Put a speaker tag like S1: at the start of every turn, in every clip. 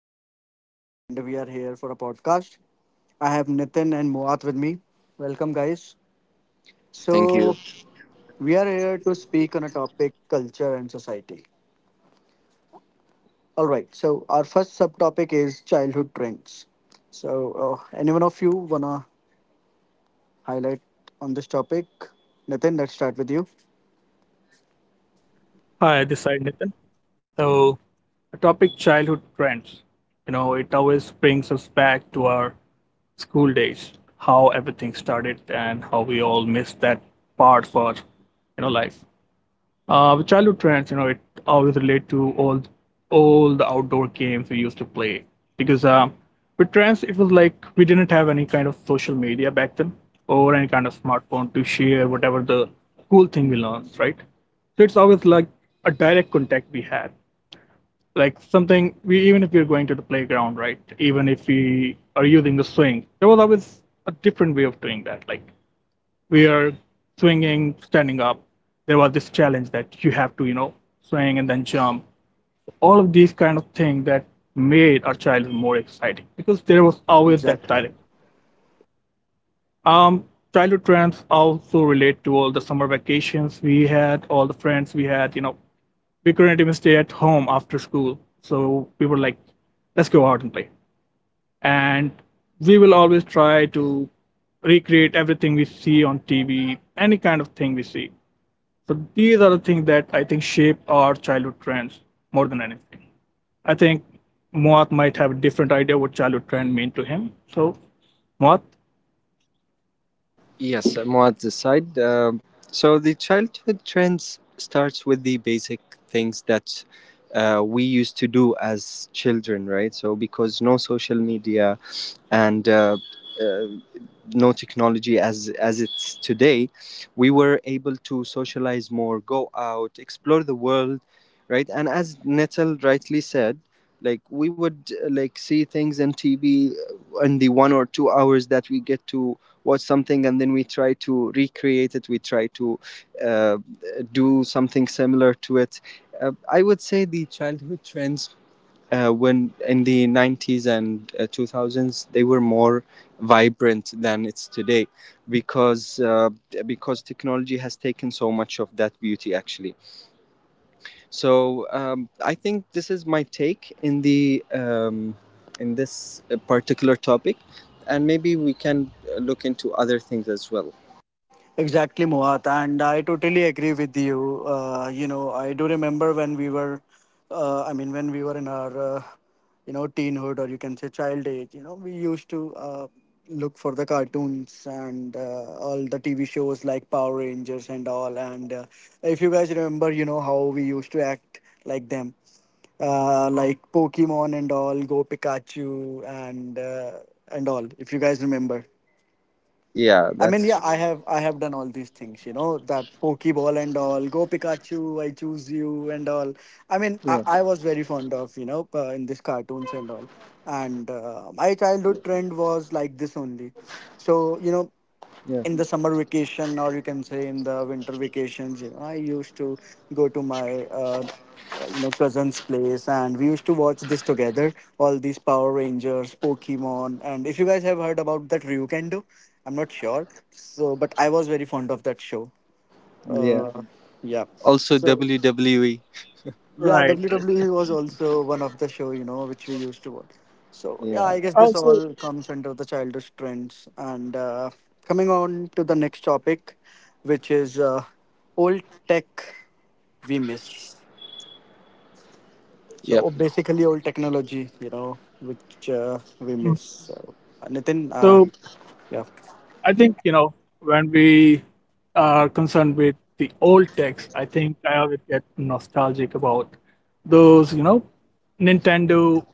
S1: Mohak and we are here for a podcast. I have Nitin and Moat with me. Welcome guys.
S2: Thank you.
S1: So, we are here to speak on a topic culture and society. All right. So, our first subtopic is childhood trends. So, anyone of you want to highlight on this topic? Nitin, let's start with you.
S3: Hi, this side Nathan. So, the topic childhood trends. You know, it always brings us back to our school days, how everything started, and how we all miss that part for life. With childhood trends, you know, it always relate to all the outdoor games we used to play because with trends, it was like we didn't have any kind of social media back then or any kind of smartphone to share whatever the cool thing we learned, right? So it's always like a direct contact we had, like something we, even if we're going to the playground, right? Even if we are using the swing, there was always a different way of doing that, like we are swinging, standing up. There was this challenge that you have to, you know, swing and then jump. All of these kind of things that made our childhood more exciting because there was always that
S1: Exactly.
S3: challenge. Um, childhood trends also relate to all the summer vacations we had, all the friends we had. You know, we couldn't even stay at home after school, so we were like, let's go out and play, and we will always try to recreate everything we see on TV, any kind of thing we see. So these are the things that I think shape our childhood trends more than anything. I think Moat might have a different idea what childhood trend mean to him. So Moat,
S2: Yes, Muad this side. So the childhood trends starts with the basic things that we used to do as children, right? So because no social media, and uh, no technology as it's today, we were able to socialize more, go out, explore the world, right? And as Nettle rightly said, like we would like see things in TV in the 1 or 2 hours that we get to watch something, and then we try to recreate it. We try to uh, do something similar to it. I would say the childhood trends when in the 90s and 2000s, they were more vibrant than it's today because technology has taken so much of that beauty actually. So I think this is my take in the in this particular topic, and maybe we can look into other things as well.
S1: Exactly, Moat, and I totally agree with you. I do remember when we were, I mean, when we were in our, teenhood or you can say child age. We used to look for the cartoons and all the TV shows like Power Rangers and all. And if you guys remember, you know how we used to act like them, like Pokemon and all, Go Pikachu and all. If you guys remember.
S2: yeah
S1: I mean,
S2: that's
S1: yeah, I have done all these things, that Pokeball and all, Go Pikachu, I choose you and all. I mean, I,
S2: Yeah.
S1: I was very fond of, in these cartoons and all. And my childhood trend was like this only. So,
S2: Yeah.
S1: in the summer vacation or you can say in the winter vacations, I used to go to my cousin's place, and we used to watch this together, all these Power Rangers, Pokemon, and if you guys have heard about that Ryukendo. I'm not sure, so, but I was very fond of that show.
S2: Yeah,
S1: Uh, yeah,
S2: also
S1: so
S2: WWE.
S1: yeah,
S3: right. Right.
S1: WWE was also one of the show, which we used to watch. So yeah,
S2: Yeah.
S1: I guess this
S3: Also,
S1: all comes under the childish trends. And coming on to the next topic, which is old tech we miss. So
S2: Yep.
S1: oh, basically, old technology, which we miss. So, Nitin,
S3: so
S1: yeah,
S3: I think you know when we are concerned with the old text, I think I always get nostalgic about those you know Nintendo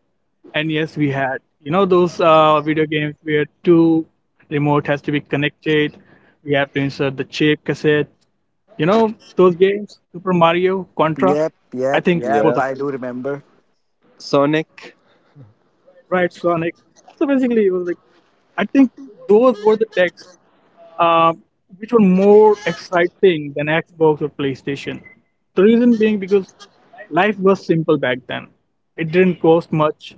S3: NES we had. You know those video games where two remote has to be connected. We have to insert the chip cassette. You know those games, Super
S1: yep,
S3: Mario, Contra.
S1: yep,
S3: I
S1: yep,
S3: think
S1: yep.
S3: both of
S2: Yeah.
S3: you
S1: I do
S3: remember,
S1: remember.
S2: Sonic.
S3: right? Sonic. So basically, it was like I think those were the texts uh, which were more exciting than Xbox or PlayStation. The reason being because life was simple back then. It didn't cost much.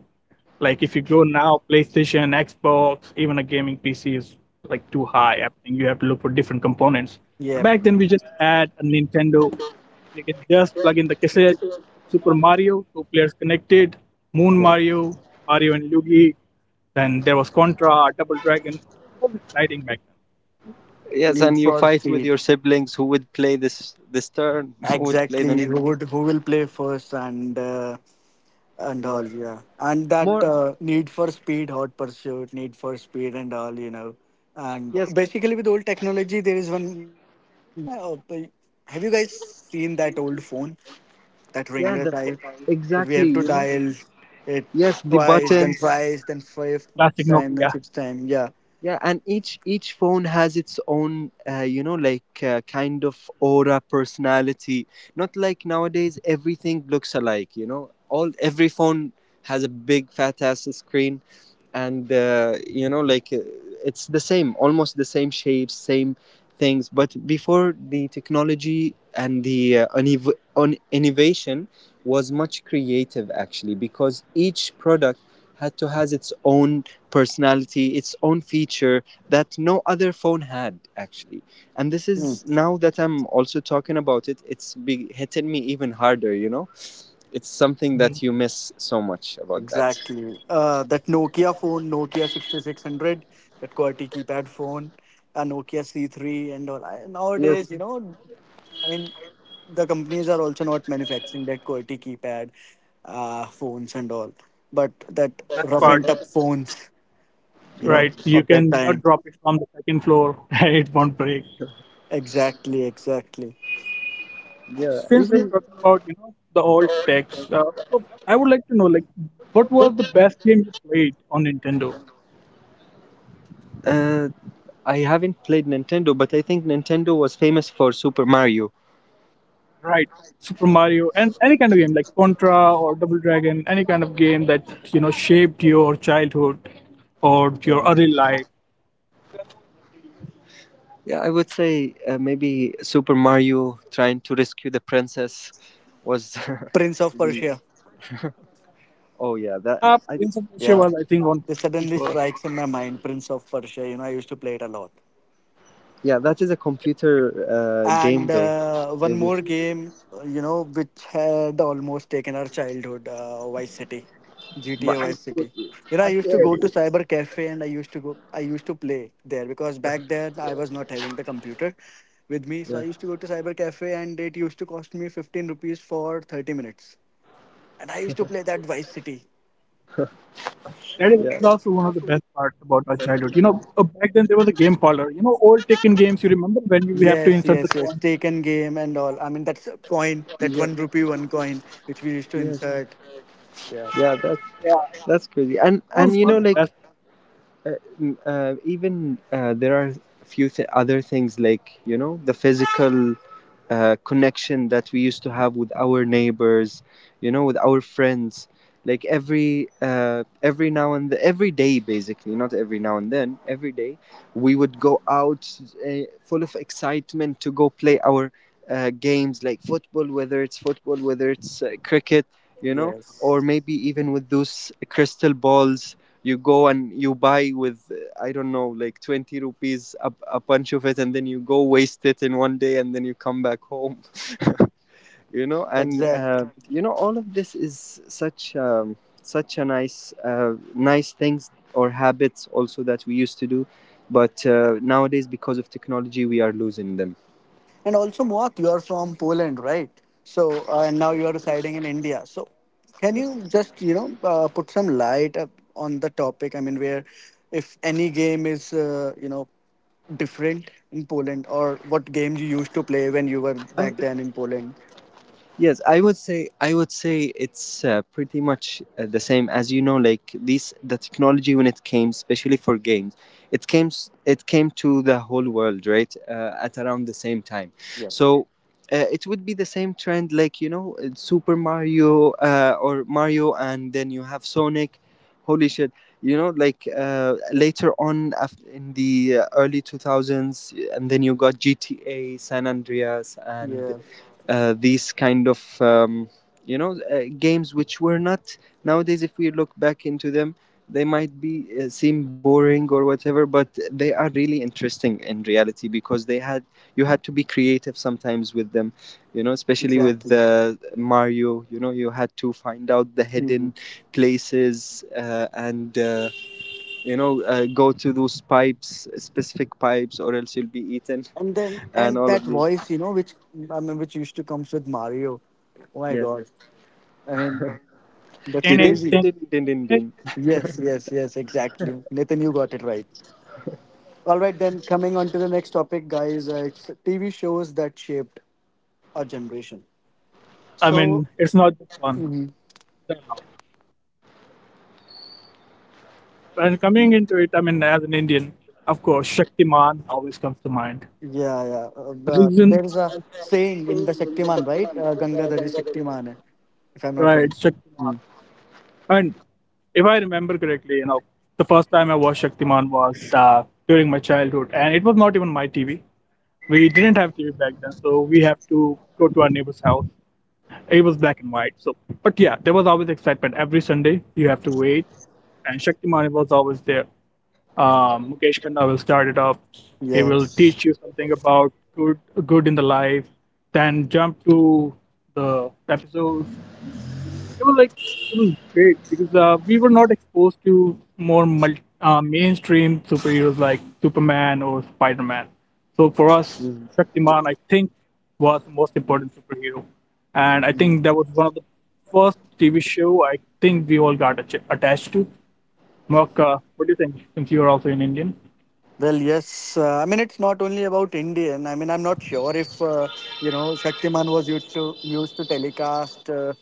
S3: Like if you go now, PlayStation, Xbox, even a gaming PC is like too high. I think you have to look for different components. But
S1: Yep,
S3: back then we just had a Nintendo. We could just plug in the cassette, Super Mario, two players connected, Moon
S2: Yeah.
S3: Mario, Mario and Luigi. Then there was Contra, Double Dragon. It was exciting back then.
S2: Yes,
S1: Need
S2: and you
S1: for
S2: fight with
S1: Speed.
S2: your siblings who would play this turn, who would play the
S1: Exactly. Who
S2: next.
S1: would who will play first and all,
S2: Yeah.
S1: yeah, and that,
S2: More.
S1: Need for Speed Hot Pursuit, Need for Speed, and all. And
S2: Yes,
S1: basically, with old technology, there is one more thing. Have you guys seen that old phone, that
S2: yeah,
S1: ringer
S2: the
S1: type, that we
S2: exactly,
S1: have to
S2: you know.
S1: dial it
S2: Yes, the
S1: twice, then
S2: buttons.
S1: thrice, then fifth
S3: Classic
S1: time, then
S3: Nokia.
S1: sixth time? Yeah,
S2: Yeah, and each phone has its own, you know, like kind of aura, personality. Not like nowadays, everything looks alike, you know, all every phone has a big fat ass screen, and you know, like it's the same, almost the same shapes, same things. But before, the technology and the innovation was much creative actually, because each product had to has its own personality, its own feature that no other phone had actually. And this is now that I'm also talking about it, it's hitting me even harder, you know? It's something
S3: Mhm.
S2: that you miss so much about that.
S1: exactly. That Nokia phone, Nokia 6600, that QWERTY keypad phone, a Nokia C3 and all. I,
S2: Yes.
S1: nowadays I mean, the companies are also not manufacturing that QWERTY keypad phones and all, but that
S3: Best
S1: rough and
S3: part,
S2: Yeah,
S1: tough phones, you
S2: yeah,
S1: know,
S3: right? You
S1: of that
S3: can not
S1: time.
S3: drop it from the second floor. It won't break.
S1: Exactly, exactly.
S2: yeah.
S3: Since we're
S2: Even
S3: talking about you know the old techs, so I would like to know like what was the best game you played on Nintendo?
S2: uh, I haven't played Nintendo, but I think Nintendo was famous for Super Mario.
S3: Right, Super Mario and any kind of game like Contra or Double Dragon, any kind of game that you know shaped your childhood or your
S2: Yeah,
S3: early life.
S2: yeah. I would say, maybe Super Mario trying to rescue the princess was
S1: Prince of
S2: the.
S1: Persia.
S2: Oh yeah, that I.
S3: Prince of Persia
S1: Yeah.
S3: was I think on
S1: This
S3: PC
S1: suddenly
S3: first.
S1: strikes in my mind, Prince of Persia. I used to play it a lot.
S2: Yeah, that is a computer game
S1: And
S2: though,
S1: uh, one
S2: maybe.
S1: more game, which had almost taken our childhood, Vice City, GTA
S2: But I
S1: Vice
S2: said
S1: City. I
S3: I
S1: used to
S3: see.
S1: go to
S2: yes,
S1: Cyber Cafe, and I used to play there because back then I was not having the computer with me. So I
S2: yes,
S1: used to go to Cyber Cafe, and it used to cost me 15 rupees for 30 minutes. And I used to play that Vice City.
S3: That is
S2: yeah,
S3: also one of the best parts about our childhood. You know, back then there was a game parlor. You know, old Tekken games. You remember when you, we have to
S1: Yes,
S3: insert the
S1: yes, yes.
S3: coin?
S1: Taken game and all. I mean, that's a coin, that
S2: yep,
S1: one rupee, one coin, which we used to
S2: yes,
S1: insert. Yeah.
S2: yeah. That's
S3: Yeah,
S2: that's crazy. And
S3: that
S2: and
S3: was
S2: you
S3: one
S2: know,
S3: of the
S2: like
S3: best parts.
S2: uh, even there are a few other things, like, you know, the physical connection that we used to have with our neighbors, you know, with our friends. Like every every day, basically. Not every now and then, every day, we would go out uh, full of excitement to go play our games like football, whether it's cricket, you know. Or
S1: Yes.
S2: maybe even with those crystal balls you go and you buy with, I don't know, like 20 rupees, a bunch of it, and then you go waste it in one day and then you come back home. You know, and
S1: Exact.
S2: you know, all of this is such such a nice nice things or habits also that we used to do, but nowadays, because of technology, we are losing them.
S1: And also, Moak, you are from Poland, right? So, and now you are residing in India. So, can
S2: Yes.
S1: you just, put some light up on the topic? I mean, where, if any game is, different in Poland, or what games you used to play when you were
S2: I
S1: back then in Poland?
S2: Yes, I would say, it's pretty much the same, as you know, like this. The technology, when it came, especially for games, it came to the whole world, right? At around the same time.
S1: Yeah,
S2: So it would be the same trend, like, you know, Super Mario or Mario, and then you have Sonic. Holy shit! You know, like later on, in the early 2000s, and then you got GTA San Andreas and
S1: yeah,
S2: these kind of you know, games which were not, nowadays if we look back into them, they might be seem boring or whatever, but they are really interesting in reality, because they had, you had to be creative sometimes with them, you know, especially with
S1: exactly.
S2: Mario. You know, you had to find out the
S1: Mhm.
S2: hidden places, and you know, go to those pipes, specific pipes, or else you'll be eaten,
S1: And then,
S2: and
S1: and
S2: all
S1: that
S2: of these.
S1: voice, which used to comes with Mario. Oh my
S2: Yes,
S1: God. I mean, that's
S3: Ten,
S2: din
S3: eight,
S2: din
S1: crazy.
S3: ten,
S2: din din din
S3: ten.
S2: din.
S1: Yes, yes, yes, exactly. Nathan, you got it right. All right, then coming on to the next topic, guys. It's TV shows that shaped our generation.
S3: I
S1: So,
S3: mean, it's not just one.
S1: mhm,
S3: There are a lot. And coming into it, I mean, as an Indian, of course, Shaktiman always comes to mind.
S1: yeah, yeah. Uh, the,
S3: Reason,
S1: there is a saying in the Shaktiman, right? Gangadhari Shaktiman, hai, if I'm not
S3: right?
S1: wrong.
S3: Shaktiman.
S2: Mm.
S3: I mean, if I remember correctly, you know, the first time I watched Shaktiman was during my childhood, and it was not even my TV. We didn't have TV back then, so we have to go to our neighbor's house. It was black and white, so but yeah, there was always excitement. Every Sunday, you have to wait, and Shaktiman was always there. Mukesh Khanna will start it up. He will
S1: Yes.
S3: teach you something about good in the life, then jump to the episodes. It was like it was great because we were not exposed to more mainstream superheroes like Superman or Spider Man. So for us, Shaktiman, I think, was the most important superhero, and I think that was one of the first TV show I think we all got attached to. Mark, what do you think? Since you are also an Indian,
S1: Well, yes. I mean, it's not only about Indian. I mean, I'm not sure if Shaktiman was used to telecast.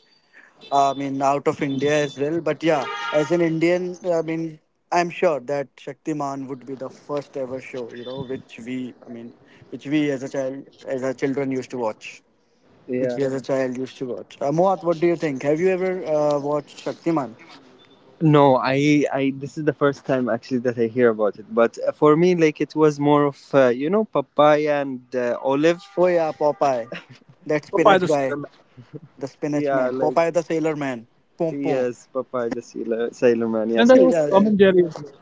S1: I mean, out of India as well. But yeah, as an Indian, I mean, I'm sure that Shaktiman would be the first ever show, which we as a child, as our children used to watch, which
S2: Yeah.
S1: we as a child used to watch. Moat, what do you think? Have you ever watched Shaktiman?
S2: No, this is the first time actually that I hear about it. But for me, like, it was more of, you know, papaya and olive.
S1: Oh yeah, Popeye, that
S3: Popeye
S2: Yes.
S1: spinach
S3: the Sailor
S1: guy,
S3: Man,
S1: the spinach
S2: Yeah.
S1: man,
S2: Like,
S1: Popeye the sailor man, Pom Pom.
S2: yes, papaya, the Sailor, Sailor Man.
S3: and
S2: Yes.
S3: there was
S1: Yeah,
S2: Uh,
S3: Tom and Jerry as well.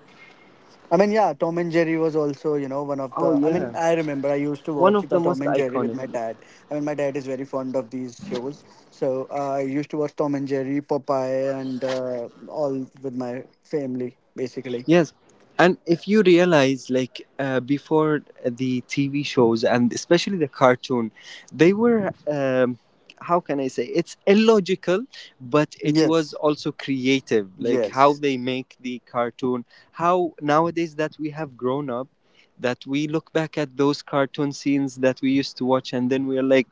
S1: I mean, yeah, Tom and Jerry was also, one of
S2: oh,
S1: the. I mean,
S2: yeah.
S1: I remember I used to
S2: One
S1: watch
S2: of the
S1: the Tom
S2: most
S1: and Jerry with
S2: iconic.
S1: my dad. I mean, my dad is very fond of these shows, so I used to watch Tom and Jerry, Popeye, and all with my family, basically.
S2: Yes. And if you realize, like, before the TV shows and especially the cartoon, they were, how can I say, it's illogical, but it
S1: Yes,
S2: was also creative. Like how
S1: yes,
S2: they make the cartoon, how nowadays, that we have grown up, that we look back at those cartoon scenes that we used to watch, and then we're like,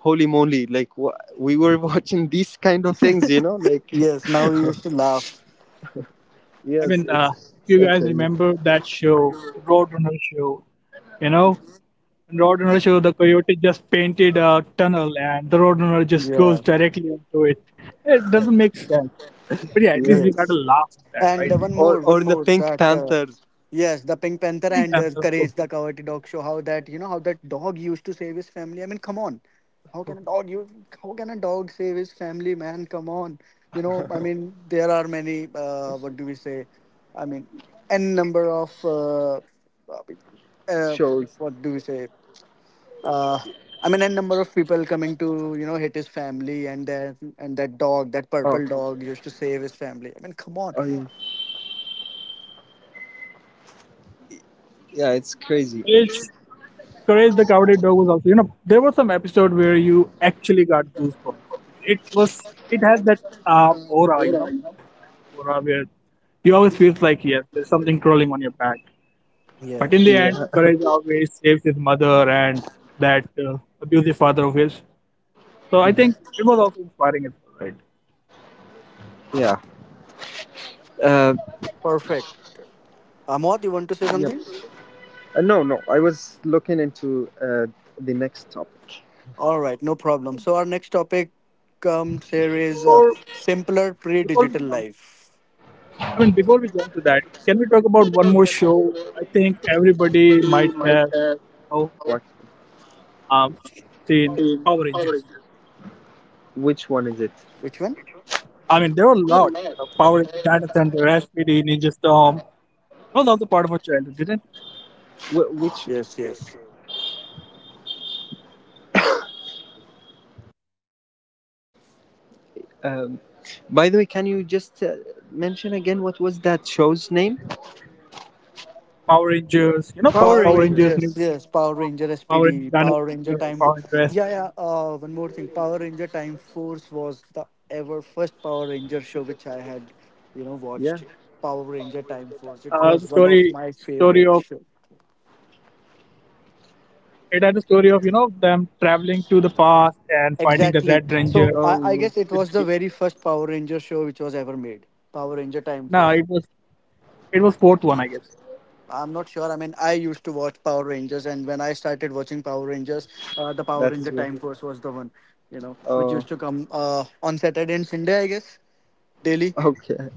S2: holy moly, like wha we were watching these kind of things, you know? Like,
S1: yes. Now we used to laugh.
S3: I
S2: yes,
S3: mean,
S2: it's
S3: if you guys
S2: certainly crazy.
S3: remember that show, the Roadrunner show, you know. And road runner, so the coyote just painted a tunnel, and the road runner just goes
S1: Yeah,
S3: directly into it. It doesn't make sense. But yeah, at
S2: Yeah.
S3: least we got to
S1: yes.
S3: laugh on that,
S1: And
S3: right?
S1: uh, one more, one
S2: Or the
S1: more
S2: Pink
S1: that,
S2: Panther
S1: yes, the Pink Panther,
S3: Think
S1: and
S3: and of course.
S1: Courage the Cowardly Dog show, how that, how that dog used to save his family. I mean, come on, how can a dog you how can a dog save his family, man? Come on. I mean, there are many. What do we say? I mean, n number of uh,
S2: shows.
S1: what do we say? Uh, I mean, n number of people coming to hit his family, and that dog, that
S2: Oh,
S1: purple dog, used to save his family. I mean, come on.
S2: oh yeah, yeah, it's crazy.
S3: Courage, Courage the Cowardly Dog was also, you know, there was some episode where you actually got goosebumps because it was, it has that aura, you know, dark aura where you always feel like, yes, there's something crawling on your back. But in the
S1: Yes.
S3: end,
S2: Yeah,
S3: Courage always saves his mother and that abusive father of his. So I think it was also inspiring as well, right?
S2: yeah. Uh,
S1: Perfect. Amod, you want to say
S2: yep.
S1: something?
S2: No, no. I was looking into the next topic.
S1: All right, no problem. So our next topic comes here is
S3: Before
S1: simpler
S3: we
S1: pre-digital
S3: jump,
S1: life.
S3: I mean before we jump to that, can we talk about one more show? I think everybody might have
S2: What?
S3: um, seen Power Rangers.
S2: Which one is it?
S1: Which one?
S3: I mean there were a lot. Power Rangers, Dino Thunder, SPD, Ninja Storm. That was also part of our childhood, didn't it?
S2: Which?
S1: Yes, yes.
S2: Um, by the way, can you just mention again what was that show's name?
S3: Power Rangers, you know,
S2: Power
S1: Power
S3: Power Rangers,
S2: Rangers.
S1: Rangers.
S3: Ninja
S1: Yes,
S3: Storm,
S1: Power Ranger
S3: Power Rangers, Dino
S1: SPD, Power
S3: Thunder,
S1: Ranger
S3: Power
S1: Time Force.
S3: Rangers SPD.
S1: Yeah, yeah. One more thing. Power Ranger Time Force was the ever first Power Ranger show which I had
S2: Yeah.
S1: watched. Power Ranger Time Force. It
S3: The
S1: was one
S3: story
S1: of my
S3: story of
S1: favorite show.
S3: it had the story of you know them traveling to the past and finding the
S1: Exactly.
S3: Red Ranger.
S1: So I,
S2: Oh
S1: I
S2: yes,
S1: guess it
S3: With
S1: was the
S3: the,
S1: very first Power Ranger show which was ever made. Power Ranger Time
S3: no,
S1: Force.
S3: it was fourth one, I guess.
S1: I'm not sure. I mean, I used to watch Power Rangers, and when I started watching Power Rangers, the Power
S2: that is
S1: Ranger
S2: where.
S1: Time Force was the one, which
S2: Oh,
S1: used to come on Saturday and Sunday, I guess, daily.
S2: okay.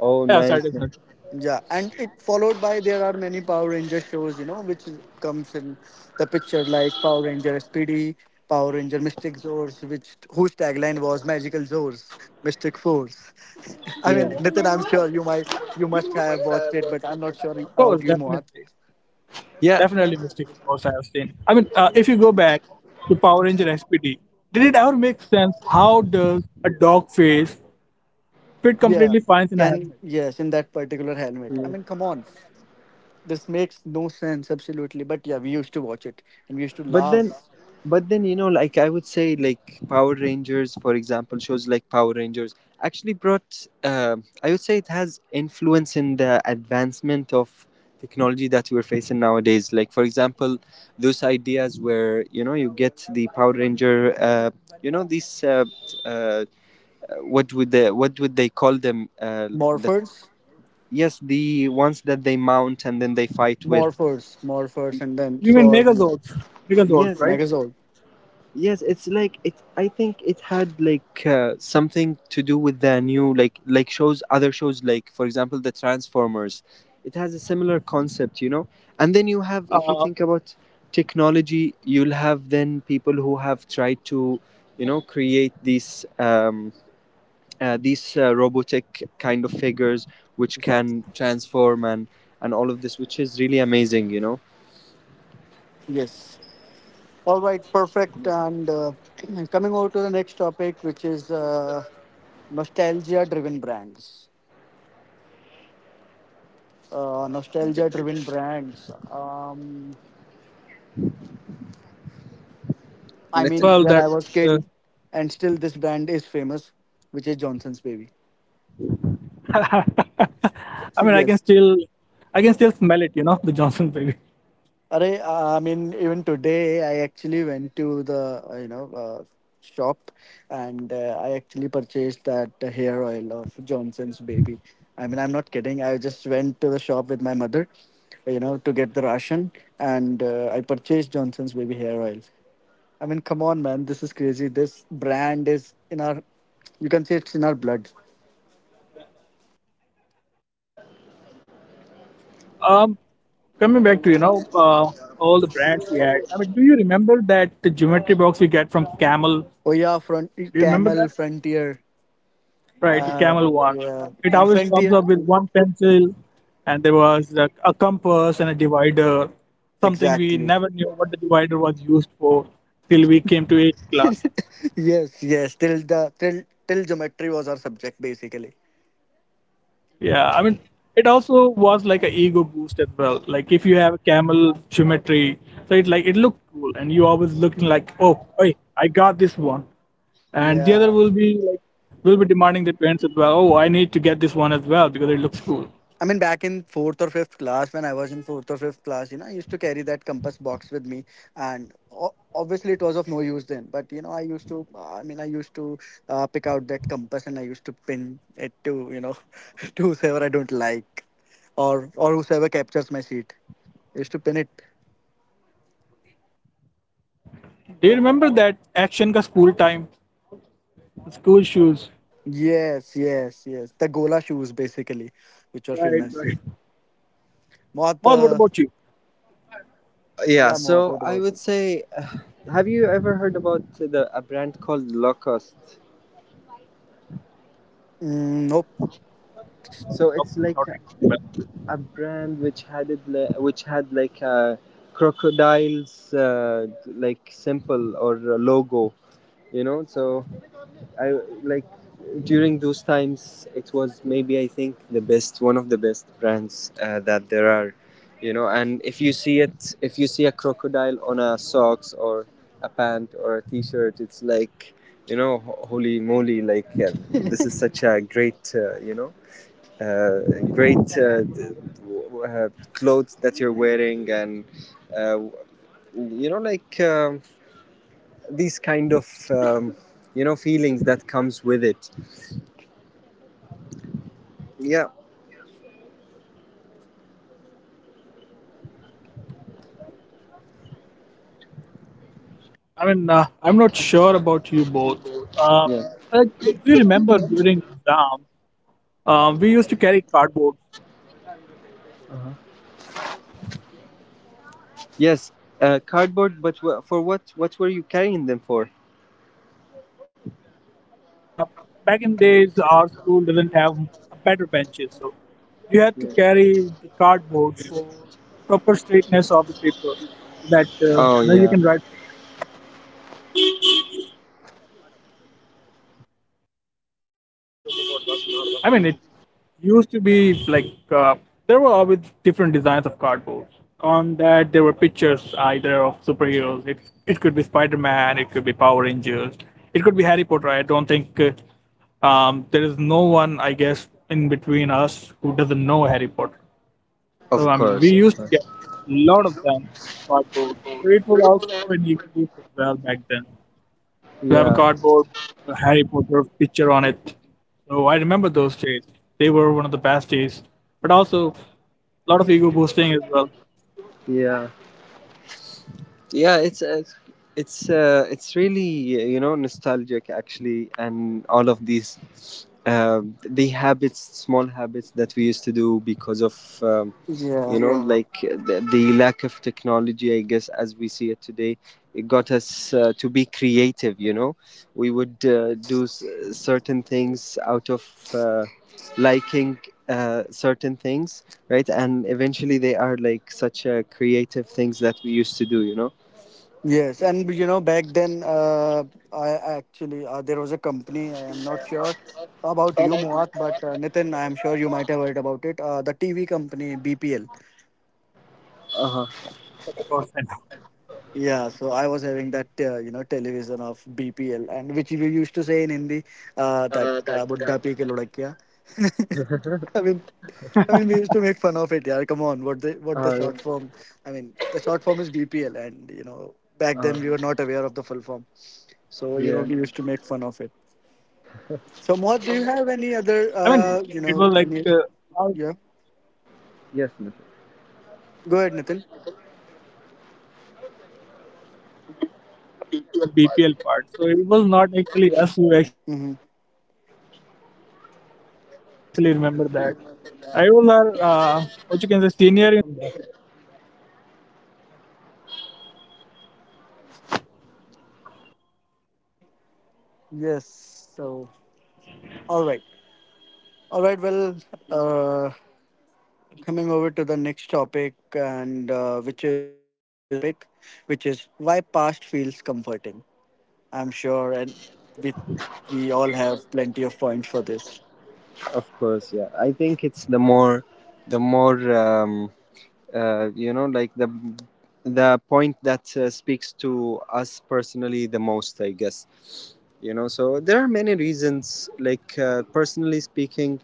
S2: Oh,
S3: Yeah,
S2: nice.
S3: Saturday night.
S2: Nice.
S1: Yeah, and it followed by, there are many Power Ranger shows, which comes in the picture, like Power Ranger SPD, Power Ranger Mystic Zords, which whose tagline was Magical Zords, Mystic Force. I mean,
S2: Yeah.
S1: Nathan, I'm sure you must have watched it, but I'm not sure
S3: Of course,
S1: about you, Moat.
S2: Yeah.
S3: definitely Mystic Force. I have seen. I mean, if you go back to Power Ranger SPD, did it ever make sense? How does a dog face fit
S1: Yeah,
S3: completely fine in a
S1: can
S3: helmet?
S1: yes, in that particular helmet. I mean, come on, this makes no sense absolutely. But yeah, we used to watch it, and we used to
S2: but then
S1: laugh.
S2: but then you know, like, I would say, like, Power Rangers, for example, shows like Power Rangers actually brought, I would say, it has influence in the advancement of technology that we're facing nowadays, like, for example, those ideas where, you know, you get the Power Ranger, you know, these, uh, what would they call them, the
S1: Morphers,
S2: yes, the ones that they mount and then they fight with.
S1: Morphers, and then
S3: You mean
S1: sword.
S3: Megazords? Megazords,
S2: Yes.
S3: right?
S1: Megazord.
S2: Yes, it's like it. I think it had like something to do with the new, like shows, other shows, like, for example, the Transformers. It has a similar concept, you know. And then you have, if you
S3: Uh,
S2: think about technology, you'll have then people who have tried to, you know, create these, these robotic kind of figures which
S1: Exactly.
S2: can transform and all of this, which is really amazing, you know.
S1: Yes. All right. Perfect. And coming over to the next topic, which is nostalgia-driven brands. Uh,
S2: Yep.
S1: nostalgia-driven brands. I
S2: Let,
S1: mean,
S3: well,
S1: when
S3: that
S1: I was
S3: uh,
S1: kid, and still this brand is famous, which is Johnson's Baby.
S3: I mean,
S1: Yes.
S3: I can still smell it. You know, the Johnson baby.
S1: Arey, I mean, even today, I actually went to the shop, and I actually purchased that hair oil of Johnson's Baby. I mean, I'm not kidding. I just went to the shop with my mother, to get the ration, and I purchased Johnson's Baby hair oil. I mean, come on, man, this is crazy. This brand is in our, you can say it's in our blood.
S3: Um, coming back to you know all the brands we had. I mean, do you remember that the geometry box we get from Camel? Do
S1: Oh yeah, front
S3: you remember
S1: Camel
S3: that?
S1: Frontier,
S3: Right, the
S1: uh,
S3: Camel one.
S1: yeah,
S3: It
S1: and
S3: always comes
S1: Frontier,
S3: up with one pencil, and there was a compass and a divider. Something we
S1: exactly.
S3: never knew what the divider was used for till we came to eighth class.
S1: Yes, yes. Till the till till geometry was our subject, basically.
S3: Yeah, I mean, it also was like a ego boost as well. Like if you have a camel symmetry, so it like it looked cool, and you always looking like, oh, hey, I got this one, and the other
S1: Yeah.
S3: will be like will be demanding the parents as well. Oh, I need to get this one as well because it looks cool.
S1: I mean, back in fourth or fifth class, when I was in fourth or fifth class, I used to carry that compass box with me, and obviously it was of no use then. But I used to pick out that compass, and I used to pin it to whoever I don't like, or whoever captures my seat. I used to pin it.
S3: Do you remember that action ka school time, school shoes?
S1: Yes, yes, yes. The Gola shoes basically, which were
S3: Right,
S1: famous.
S3: right.
S1: बहुत
S3: Well, what about you?
S2: yeah, so I would say, have you ever heard about the a brand called Lacoste?
S1: Mm, nope.
S2: So
S3: Nope,
S2: it's like
S3: not
S2: a
S3: really.
S2: brand which had it, which had like a crocodile's, like, symbol or a logo, you know. So I like, during those times, it was maybe, I think, the best, one of the best brands that there are, you know. And if you see it, if you see a crocodile on a socks or a pant or a t-shirt, it's like, you know, holy moly, like, yeah, this is such a great, you know uh, great d- w- w- clothes that you're wearing and uh, w- you know, like, these kind of, you know, feelings that comes with it. Yeah.
S3: I mean, I'm not sure about you both. Uh,
S2: Yeah.
S3: like, do you remember during exam? We used to carry cardboard
S2: Yes. Cardboard. But for what? What were you carrying them for?
S3: for the exam. You know, back in days, our school didn't have better benches, so you had
S2: Yeah.
S3: to carry the cardboard for proper straightness of the paper, that
S2: Oh
S3: you know you
S2: yeah.
S3: can write. I mean, it used to be like there were always different designs of cardboards. On that, there were pictures either of superheroes. It could be Spider Man. It could be Power Rangers. It could be Harry Potter. I don't think there is no one, I guess, in between us who doesn't know Harry Potter. So
S2: Of
S3: I mean, we
S2: course. Of
S3: used to get
S2: course.
S3: a lot of them cardboard. So it was also an ego boost as well back then to have a
S2: Yeah.
S3: cardboard Harry Potter picture on it. So I remember those days. They were one of the best days, but also a lot of ego boosting as well.
S2: Yeah. Yeah. It's it's really you know, nostalgic actually. And all of these, the habits, small habits that we used to do because of. You
S1: Yeah.
S2: know, like, the lack of technology, I guess, as we see it today, it got us to be creative, you know. We would certain things out of liking certain things, right? And eventually they are like such creative things that we used to do, you know.
S1: Yes. And back then, I actually there was a company. I am not sure about you, Moat, but Nitin, I am sure you might have heard about it. The TV company BPL.
S2: Uh-huh.
S3: Yes, of course. And,
S1: Yeah, so I was having that television of BPL, and which we used to say in Hindi, that, बुड्ढा पी के लुढ़क गया. I mean, I mean we used to make fun of it. Yeah, come on, what the
S2: uh,
S1: short form? I mean, the short form is BPL, and you know back
S2: uh,
S1: then we were not aware of the full form, so you know
S2: yeah.
S1: we used to make fun of it. So, Mohit, do
S3: I
S1: you have
S3: mean,
S1: any
S3: it was
S1: other
S3: like
S1: you
S3: I,
S1: know
S3: was,
S1: any yeah?
S2: Yes, Nifal.
S1: Go ahead, Nitin.
S3: I was saying, you know, about that BPL part. So it was not actually us who actually
S1: Mm-hmm.
S3: remember that. I was our what you can say senior in school who taught us that Buddha Pigalada gang. We just learned it from there.
S1: Yes. So, all right, all right. Well, uh, coming over to the next topic, and which is our last topic, which is why past feels comforting. I'm sure, and we we all have plenty of points for this.
S2: Of course, yeah, I think it's the more, you know, like, the point that speaks to us personally the most, I guess, you know. So there are many reasons, like, personally speaking,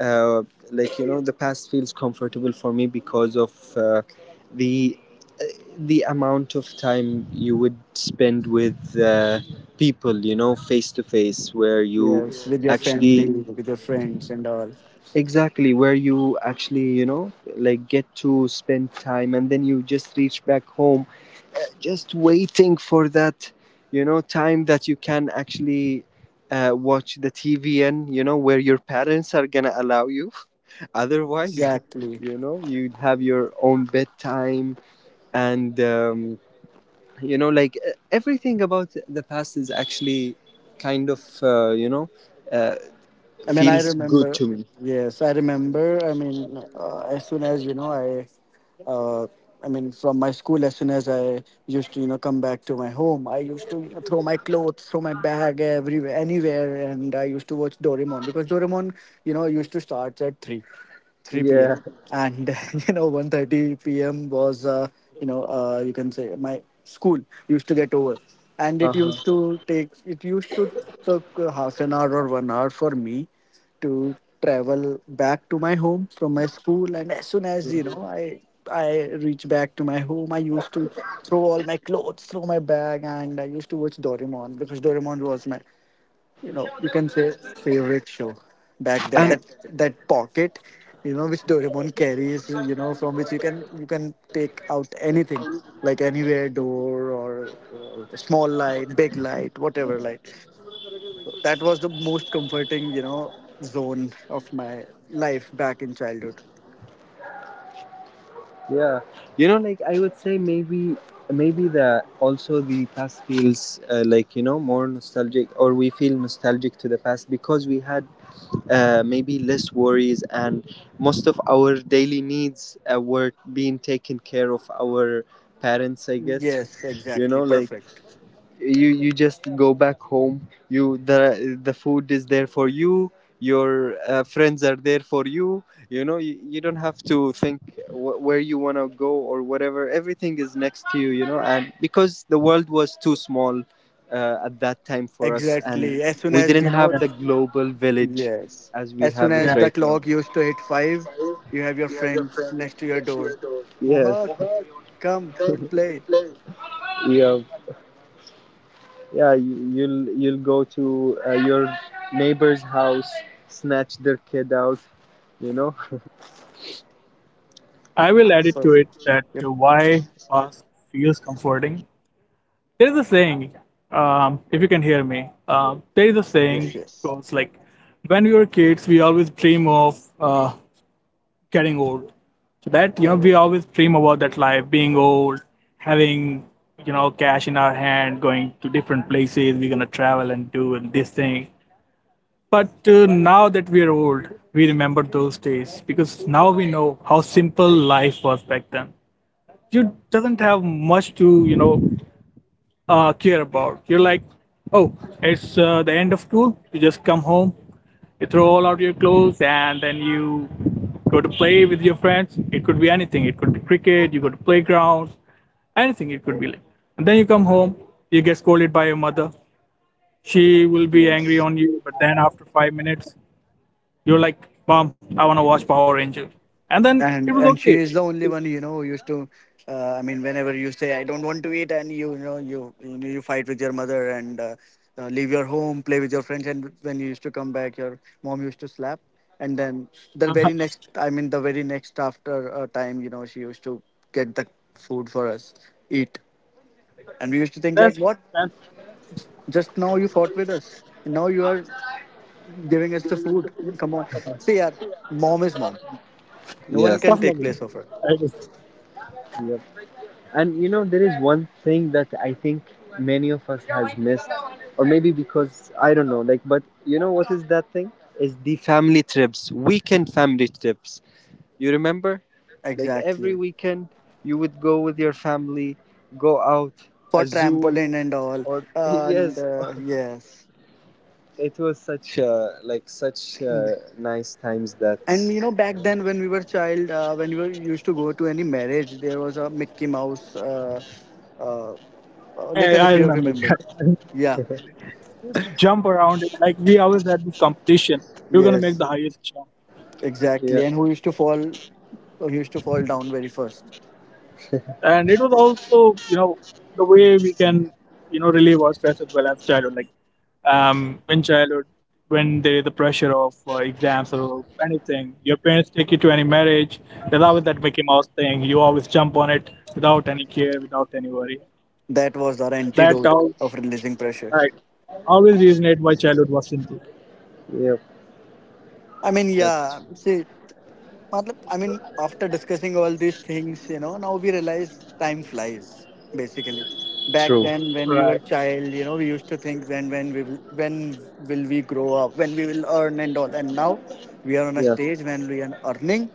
S2: uh, like, you know, the past feels comfortable for me because of, the the amount of time you would spend with, people, you know, face to face, where you
S1: Yes, with your family,
S2: actually
S1: with your friends, and all.
S2: exactly, where you actually, you know, like, get to spend time and then you just reach back home, just waiting for that, you know, time that you can actually watch the TV, tvn you know, where your parents are gonna allow you otherwise.
S1: Exactly.
S2: You know, you'd have your own bedtime, and you know, like, everything about the past is actually kind of, uh,
S1: I mean, I
S2: feels good
S1: remember.
S2: to me.
S1: Yes, I remember. I mean, as soon as uh, I mean, from my school, as soon as I used to, you know, come back to my home, I used to, you know, throw my clothes, throw my bag everywhere, anywhere, and I used to watch Doraemon because Doraemon, you know, used to start at three p.m.,
S2: Yeah.
S1: and you know, 1:30 p.m. was, you know, you can say my school used to get over, and
S2: Uh-huh.
S1: it used to took half an hour or 1 hour for me to travel back to my home from my school, and as soon as you know I reach back to my home, I used to throw all my clothes, throw my bag, and I used to watch Doraemon because Doraemon was my, you know, you can say favorite show back then.
S2: And
S1: That pocket, you know, which Doraemon carries, you know, from which you can take out anything, like anywhere door, or small light, big light, whatever light, that was the most comforting, you know, zone of my life back in childhood.
S2: yeah, you know, like, I would say, maybe, the, also, the past feels, like, you know, more nostalgic, or we feel nostalgic to the past because we had, maybe, less worries, and most of our daily needs were being taken care of our parents, I guess.
S1: Yes,
S2: You
S1: exactly.
S2: know, like,
S1: Perfect.
S2: you just go back home, you, the food is there for you, your friends are there for you, you know, you don't have to think where you want to go or whatever, everything is next to you, you know. And because the world was too small at that time for us, and
S1: Exactly. As soon
S2: we
S1: as, you
S2: didn't
S1: know,
S2: have the
S3: Yeah,
S2: global village
S1: yes.
S2: as we
S1: As soon
S2: have it
S1: as
S3: yeah.
S1: the
S2: right now.
S1: clock used to hit five, you have your friend next to your door.
S2: Yes.
S1: Moha, come, we'll play.
S2: Yeah. Yeah, you'll go to, your neighbor's house, snatch their kid out, you know.
S3: I will add it to it
S1: Perfect.
S3: that
S1: Yep.
S3: why the past feels comforting. There is a saying, if you can hear me, there is a
S1: Yes,
S3: saying
S1: yes.
S3: goes like when we were kids we always dream of getting old so that you know we always dream about that life being old, having you know cash in our hand, going to different places, we're gonna travel and do and this thing. But now that we are old, we remember those days because now we know how simple life was back then. You doesn't have much to you know care about. You're like, oh, it's the end of school. You just come home, you throw all out your clothes, and then you go to play with your friends. It could be anything. It could be cricket. You go to playgrounds. Anything it could be like. And then you come home. You get scolded by your mother. She will be angry
S1: Yes.
S3: on you. But then after 5 minutes, you're like, mom, I want to watch Power Ranger. And then it was
S1: And
S3: okay.
S1: she is the only one, you know, who used to, I mean, whenever you say I don't want to eat and you know, you know you fight with your mother, and leave your home, play with your friends, and when you used to come back your mom used to slap. And then the very next, after a time, you know, she used to get the food for us. Eat. And we used to think, like,
S3: That's
S1: what,
S3: that's
S1: just now you fought with us, now you are giving us the food? I mean, come on, see. Yeah, mom is mom, no one
S2: Yes.
S1: can
S3: tough
S1: take
S3: loving.
S1: place of her.
S3: I guess.
S2: Yep. And you know, there is one thing that I think many of us has missed, or maybe, because I don't know. Like, but you know what is that thing? Is the family trips, weekend family trips. You remember? Like every
S1: Exactly,
S2: weekend, you would go with your family, go out, a
S1: for
S2: zoo,
S1: trampoline and all.
S2: or
S1: And
S2: yes,
S1: yes.
S2: it was such nice times
S1: And
S2: that
S1: you know, back then when we were child, when we were used to go to any marriage, there was a Mickey Mouse, uh,
S3: I
S1: Nathan, if you
S3: remember
S1: remember.
S3: that. I remember very
S1: Yeah.
S3: vividly. I used to jump around it. Like we always had this competition. You're gonna make
S1: Yes.
S3: the highest jump,
S2: yeah.
S1: Exactly. And who used to fall? Who used to fall down very first?
S3: and it was also you know the way we can you know relieve our stress as well as childhood. Like in childhood, when there is the pressure of exams or anything, your parents take you to any marriage. There's always that Mickey Mouse thing. You always jump on it without any care, without any worry.
S1: That was our
S3: That
S1: antidote
S3: all
S1: of releasing pressure.
S3: right. Always reasoned why childhood was simple.
S2: Yeah,
S1: I mean,
S2: that's
S1: yeah. See. Matlab, I mean, after discussing all these things, you know, now we realize time flies, basically. Back
S2: true.
S1: then, when we
S3: Right.
S1: were child, you know, we used to think when will we grow up, when we will earn and all. And now we are on a
S2: Yes.
S1: stage when we are earning.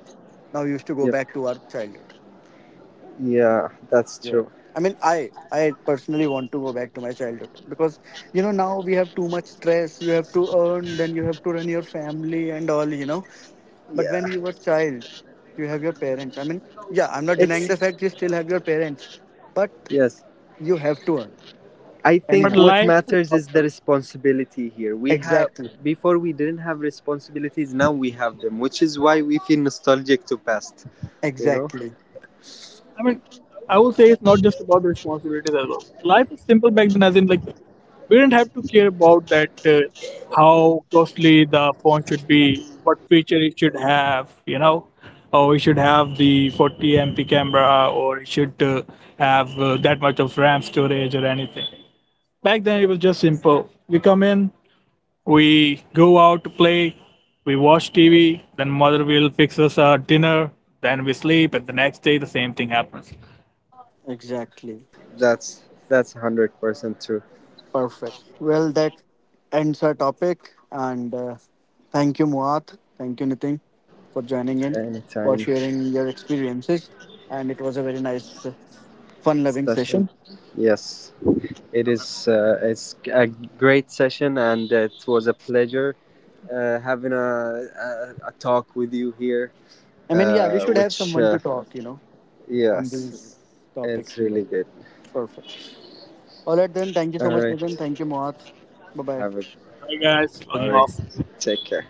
S1: Now we used to go
S2: Yep.
S1: back to our childhood.
S2: Yeah, that's true.
S1: I mean, I personally want to go back to my childhood because you know now we have too much stress. You have to earn, then you have to run your family and all. You know, but
S2: Yeah
S1: when you were child, you have your parents. I mean, yeah, I'm not denying
S2: it's
S1: the fact you still have your parents, but
S2: yes,
S1: you have to earn
S2: I
S3: But
S2: think
S1: anyhow.
S2: what
S3: life is not
S2: matters
S3: about
S2: is the
S3: availability.
S2: responsibility here we have.
S1: Exactly.
S2: Before we didn't have responsibilities, now we have them, which is why we feel nostalgic to past, you know.
S1: Exactly.
S3: I mean, I would say it's not just about responsibilities as well. Life is simple back then, as in like we didn't have to care about that how costly the phone should be, what feature it should have, you know, or it should have the 40 MP camera, or it should have that much of RAM storage or anything. Back then, it was just simple. We come in, we go out to play, we watch TV, then mother will fix us our dinner, then we sleep, and the next day the same thing happens.
S2: Yeah,
S1: Exactly.
S2: that's that's 100% true.
S1: Perfect. Well, that ends our topic. And thank you, Muat. Thank you, Nitin, for joining in, for
S2: Anytime.
S1: sharing your experiences. And it was a very nice, fun loving
S2: Session.
S1: session.
S2: Yes. It is it's a great session, and it was a pleasure having a talk with you here.
S1: I mean, yeah, we should have
S2: Which
S1: someone to talk, you know, on
S2: yes,
S1: these
S2: it's
S1: topics. And
S2: really
S1: that.
S2: good.
S1: Perfect. All right, then. Thank you so
S2: All
S1: much,
S2: right,
S1: Nitin. Thank you, Muat. Bye bye.
S2: have a,
S3: Right, guys,
S2: all
S3: logging
S2: right.
S3: off.
S2: Take care.